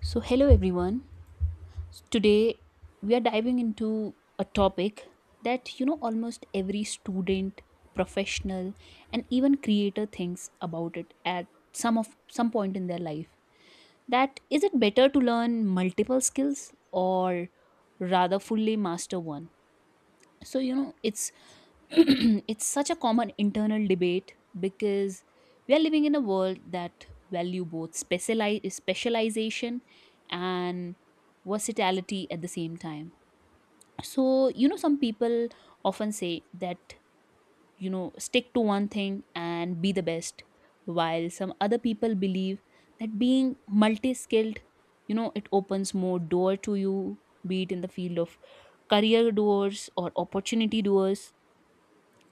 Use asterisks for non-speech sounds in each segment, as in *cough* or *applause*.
So, hello everyone. Today we are diving into a topic that almost every student, professional, and even creator thinks about it at some of some point in their life. That is it better to learn multiple skills or rather fully master one? So it's *clears throat* it's such a common internal debate because we are living in a world that value both specialization and versatility at the same time, so some people often say that, stick to one thing and be the best, while some other people believe that being multi-skilled, it opens more door to you, be it in the field of career doors or opportunity doors.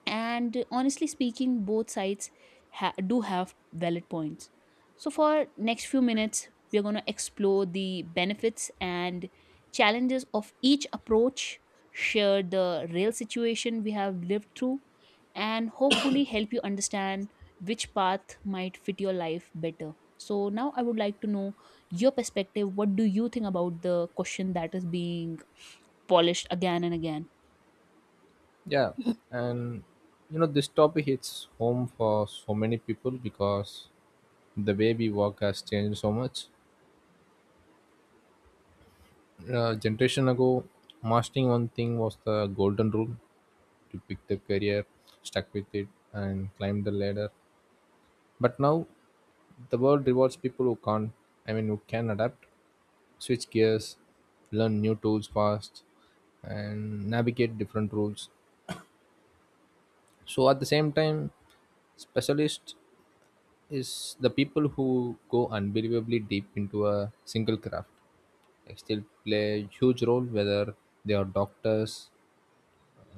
And honestly speaking, both sides do have valid points. So for next few minutes we are going to explore the benefits and challenges of each approach, share the real situation we have lived through, and hopefully help you understand which path might fit your life better. So now I would like to know your perspective. What do you think about the question that is being polished again and again? Yeah, and you know this topic hits home for so many people because the way we work has changed so much. A generation ago, mastering one thing was the golden rule to pick the career, stuck with it, and climb the ladder. But now, the world rewards people who can't. I mean, who can adapt, switch gears, learn new tools fast, and navigate different rules. So at the same time, specialists is the people who go unbelievably deep into a single craft like still play a huge role, whether they are doctors,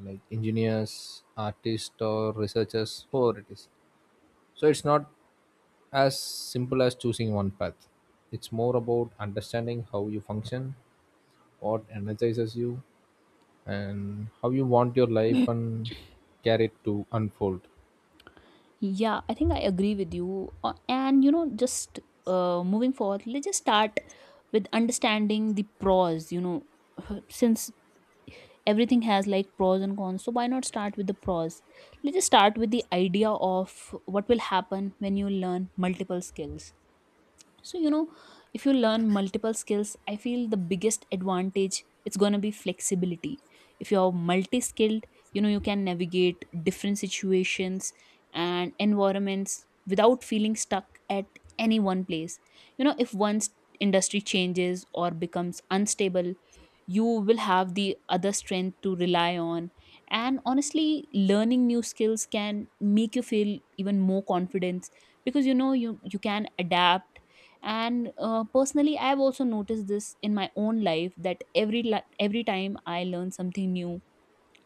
like engineers, artists, or researchers, whoever it is. So it's not as simple as choosing one path. It's more about understanding how you function, what energizes you, and how you want your life and carry it to unfold. Yeah, I think I agree with you. And you know, just moving forward, let's just start with understanding the pros. *laughs* Since everything has like pros and cons, so why not start with the pros? Let's just start with the idea of what will happen when you learn multiple skills. So if you learn multiple skills, I feel the biggest advantage it's going to be flexibility. If you're multi-skilled, you can navigate different situations and environments without feeling stuck at any one place. You know if one industry changes or becomes unstable, you will have the other strength to rely on. And honestly, learning new skills can make you feel even more confident, because you can adapt. And personally, I have also noticed this in my own life that every time I learn something new,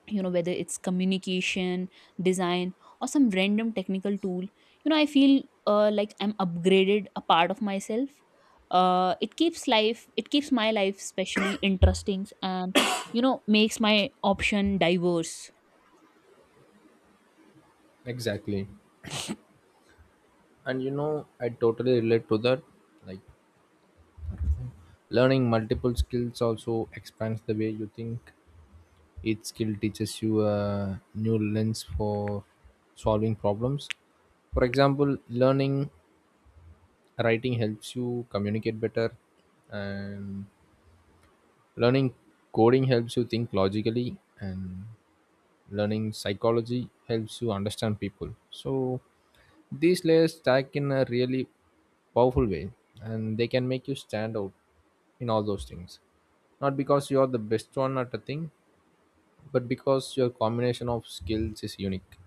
whether it's communication, design, or some random technical tool, I feel like I'm upgraded a part of myself. It keeps my life especially interesting, and makes my option diverse. Exactly. And you know, I totally relate to that. Like, learning multiple skills also expands the way you think. Each skill teaches you a new lens for solving problems. For example, learning writing helps you communicate better, and learning coding helps you think logically, and learning psychology helps you understand people. So these layers stack in a really powerful way, and they can make you stand out in all those things, not because you are the best one at a thing, but because your combination of skills is unique.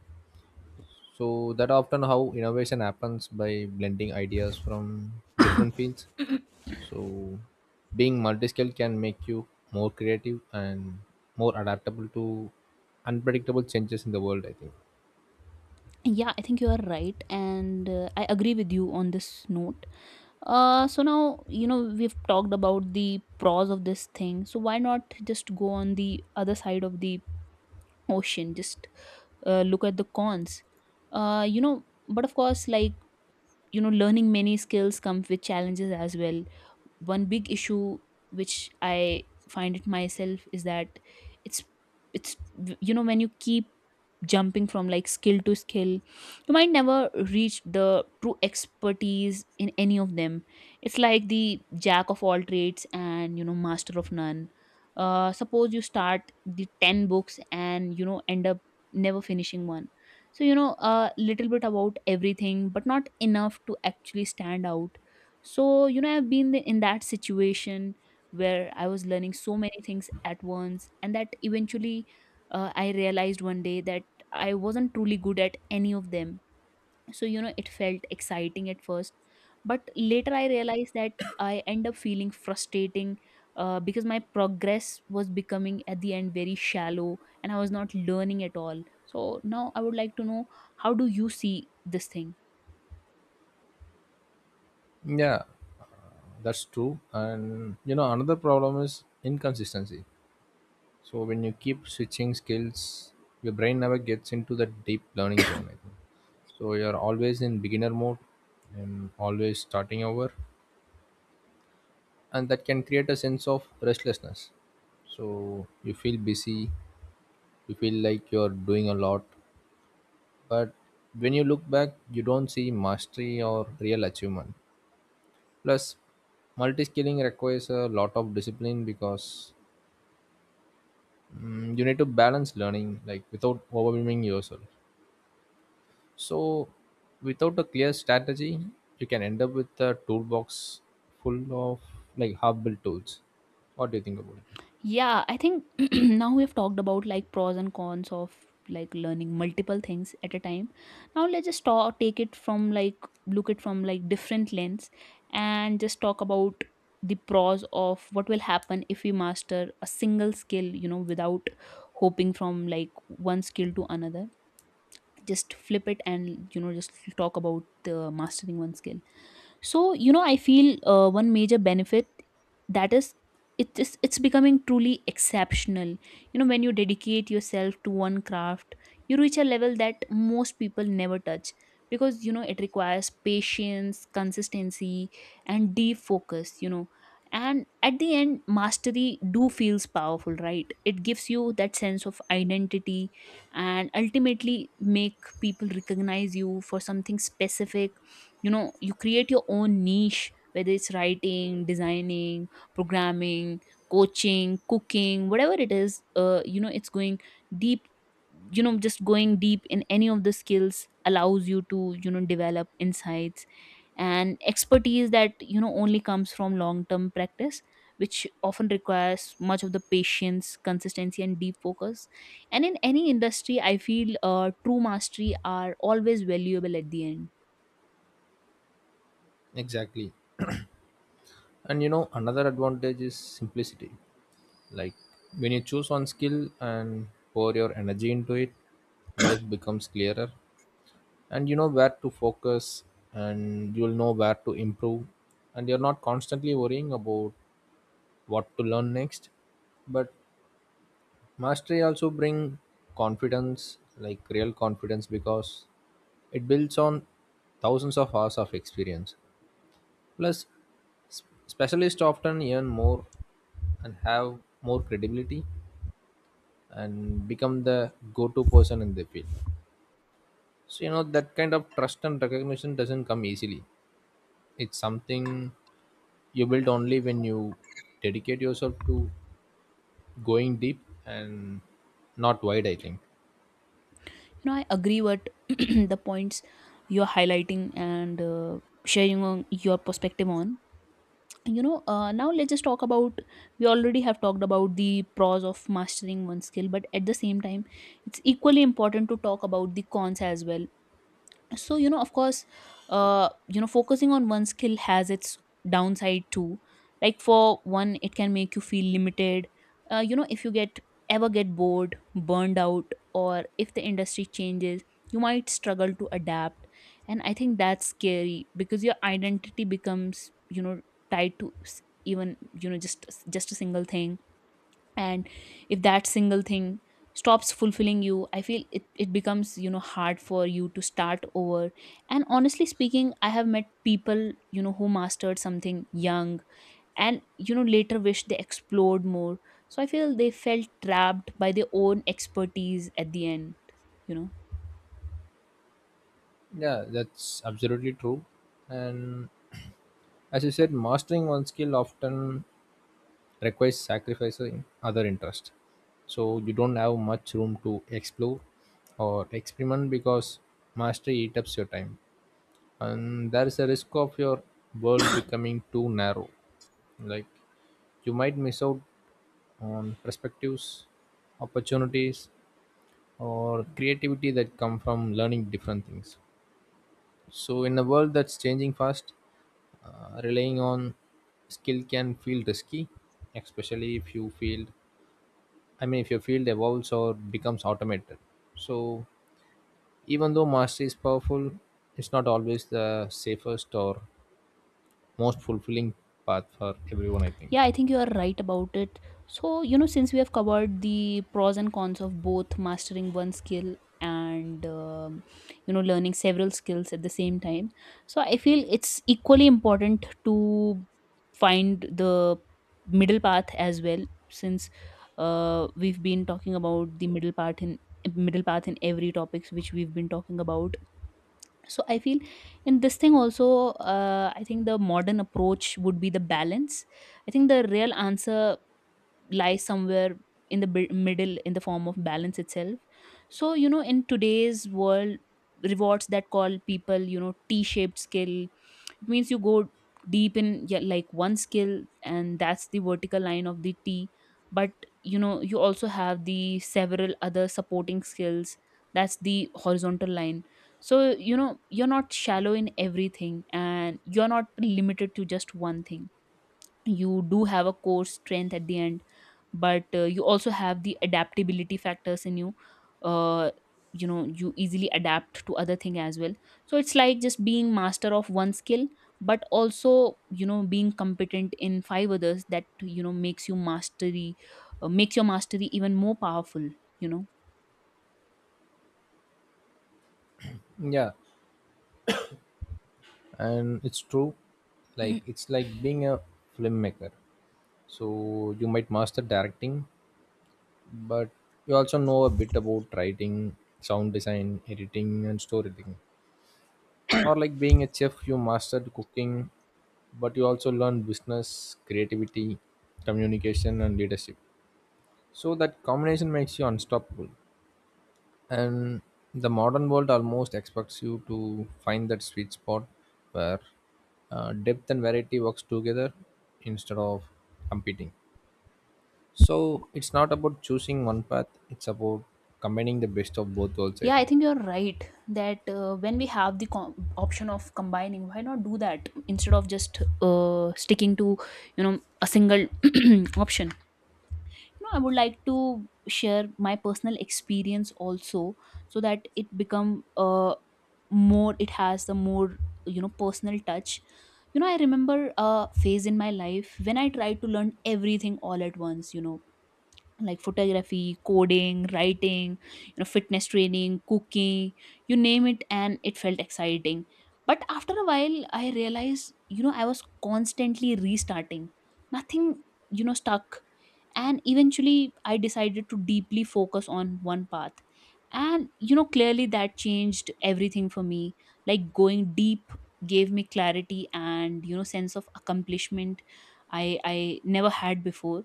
So that often how innovation happens, by blending ideas from different fields. So being multi-skilled can make you more creative and more adaptable to unpredictable changes in the world, I think. Yeah, I think you are right, and I agree with you on this note. So now, we've talked about the pros of this thing. So why not just go on the other side of the ocean? Just look at the cons. But of course, like, learning many skills comes with challenges as well. One big issue which I find it myself is that it's it's when you keep jumping from like skill to skill, you might never reach the true expertise in any of them. It's like the jack of all trades and master of none. Uh suppose you start the 10 books and end up never finishing one. So a little bit about everything but not enough to actually stand out. So, I've been in that situation where I was learning so many things at once, and that eventually I realized one day that I wasn't truly good at any of them. So, it felt exciting at first, but later I realized that I end up feeling frustrating because my progress was becoming at the end very shallow, and I was not learning at all. So, now I would like to know, how do you see this thing? Yeah, that's true. And you know, another problem is inconsistency. So when you keep switching skills, your brain never gets into the deep learning zone, I think. So you're always in beginner mode and always starting over. And that can create a sense of restlessness. So you feel busy, you feel like you're doing a lot, but when you look back, you don't see mastery or real achievement. Plus, multi skilling requires a lot of discipline because you need to balance learning, like, without overwhelming yourself. So, without a clear strategy, you can end up with a toolbox full of like half-built tools. What do you think about it? Yeah, I think *clears throat* now we have talked about like pros and cons of like learning multiple things at a time. Now take it from like, look it from like different lens, and just talk about the pros of what will happen if we master a single skill, without hoping from like one skill to another. Just flip it and just talk about the mastering one skill. So I feel one major benefit, that is, it's becoming truly exceptional. You know when you dedicate yourself to one craft, you reach a level that most people never touch, because it requires patience, consistency, and deep focus. And at the end, mastery do feels powerful, right? It gives you that sense of identity and ultimately make people recognize you for something specific. You know you create your own niche, whether it's writing, designing, programming, coaching, cooking, whatever it is. It's going deep. Just going deep in any of the skills allows you to develop insights and expertise that only comes from long term practice, which often requires much of the patience, consistency, and deep focus. And in any industry, I feel true mastery are always valuable at the end. Exactly. And you know, another advantage is simplicity. Like, when you choose one skill and pour your energy into it, life becomes clearer, and you know where to focus, and you'll know where to improve, and you're not constantly worrying about what to learn next. But mastery also bring confidence, like real confidence, because it builds on thousands of hours of experience. Plus, specialists often earn more and have more credibility and become the go-to person in the field. So you know that kind of trust and recognition doesn't come easily. It's something you build only when you dedicate yourself to going deep and not wide, I think. I agree what *clears throat* the points you're highlighting and sharing on your perspective on. Now let's just talk about, we already have talked about the pros of mastering one skill, but at the same time it's equally important to talk about the cons as well. So of course, focusing on one skill has its downside too. Like for one, it can make you feel limited. If you get ever get bored, burned out, or if the industry changes, you might struggle to adapt. And I think that's scary because your identity becomes tied to even, just a single thing. And if that single thing stops fulfilling you, I feel it becomes hard for you to start over. And honestly speaking, I have met people who mastered something young and later wish they explored more. So I feel they felt trapped by their own expertise at the end, you know Yeah, that's absolutely true. And as you said, mastering one skill often requires sacrificing other interest, so you don't have much room to explore or experiment, because mastery eats up your time. And there is a risk of your world becoming too narrow. Like, you might miss out on perspectives, opportunities, or creativity that come from learning different things. So in a world that's changing fast, relying on skill can feel risky, especially if you field I mean, if your field evolves or becomes automated. So even though mastery is powerful, it's not always the safest or most fulfilling path for everyone, I think. Yeah, I think you are right about it. So, since we have covered the pros and cons of both mastering one skill and, learning several skills at the same time, so I feel it's equally important to find the middle path as well. Since we've been talking about the middle path in every topics which we've been talking about. So I feel in this thing also, I think the modern approach would be the balance. I think the real answer lies somewhere in the middle, in the form of balance itself. So in today's world rewards that call people, t-shaped skill. It means you go deep in, yeah, like one skill, and that's the vertical line of the T. But you also have the several other supporting skills, that's the horizontal line. So you're not shallow in everything and you're not limited to just one thing. You do have a core strength at the end, but you also have the adaptability factors in you. Uh, you know you easily adapt to other thing as well. So it's like just being master of one skill, but also being competent in five others, that makes you mastery. Makes your mastery even more powerful, you know Yeah, and it's true. Like, it's like being a filmmaker. So you might master directing, but you also know a bit about writing, sound design, editing, and storytelling. Or like being a chef, you mastered cooking, but you also learn business, creativity, communication, and leadership. So that combination makes you unstoppable. And the modern world almost expects you to find that sweet spot where depth and variety works together instead of competing. So it's not about choosing one path, it's about combining the best of both worlds, I Yeah, I think. think you're right that when we have the option of combining, why not do that instead of just sticking to a single *clears throat* option. I would like to share my personal experience also, so that it become more. It has the more personal touch. You know, I remember a phase in my life when I tried to learn everything all at once. Like photography, coding, writing, fitness training, cooking, you name it, and it felt exciting. But after a while, I realized I was constantly restarting, nothing, stuck. And eventually I decided to deeply focus on one path, and clearly that changed everything for me. Like going deep gave me clarity and, sense of accomplishment I never had before.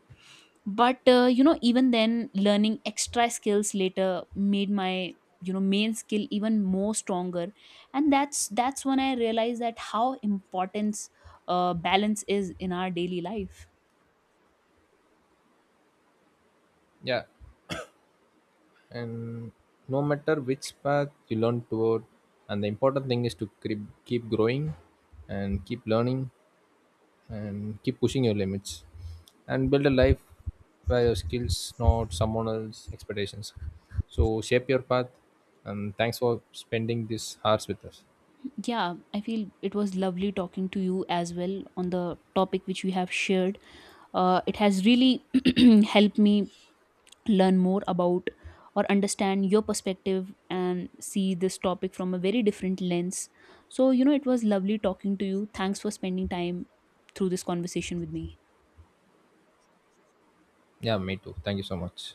But even then, learning extra skills later made my, main skill even more stronger. And that's when I realized that how importance balance is in our daily life. Yeah. And no matter which path you learn toward, and the important thing is to keep growing, and keep learning, and keep pushing your limits, and build a life where your skills, not someone else's expectations. So shape your path. And thanks for spending these hours with us. Yeah, I feel it was lovely talking to you as well on the topic which we have shared. It has really *clears throat* helped me learn more about, or understand your perspective and see this topic from a very different lens. So, it was lovely talking to you. Thanks for spending time through this conversation with me. Yeah, me too. Thank you so much.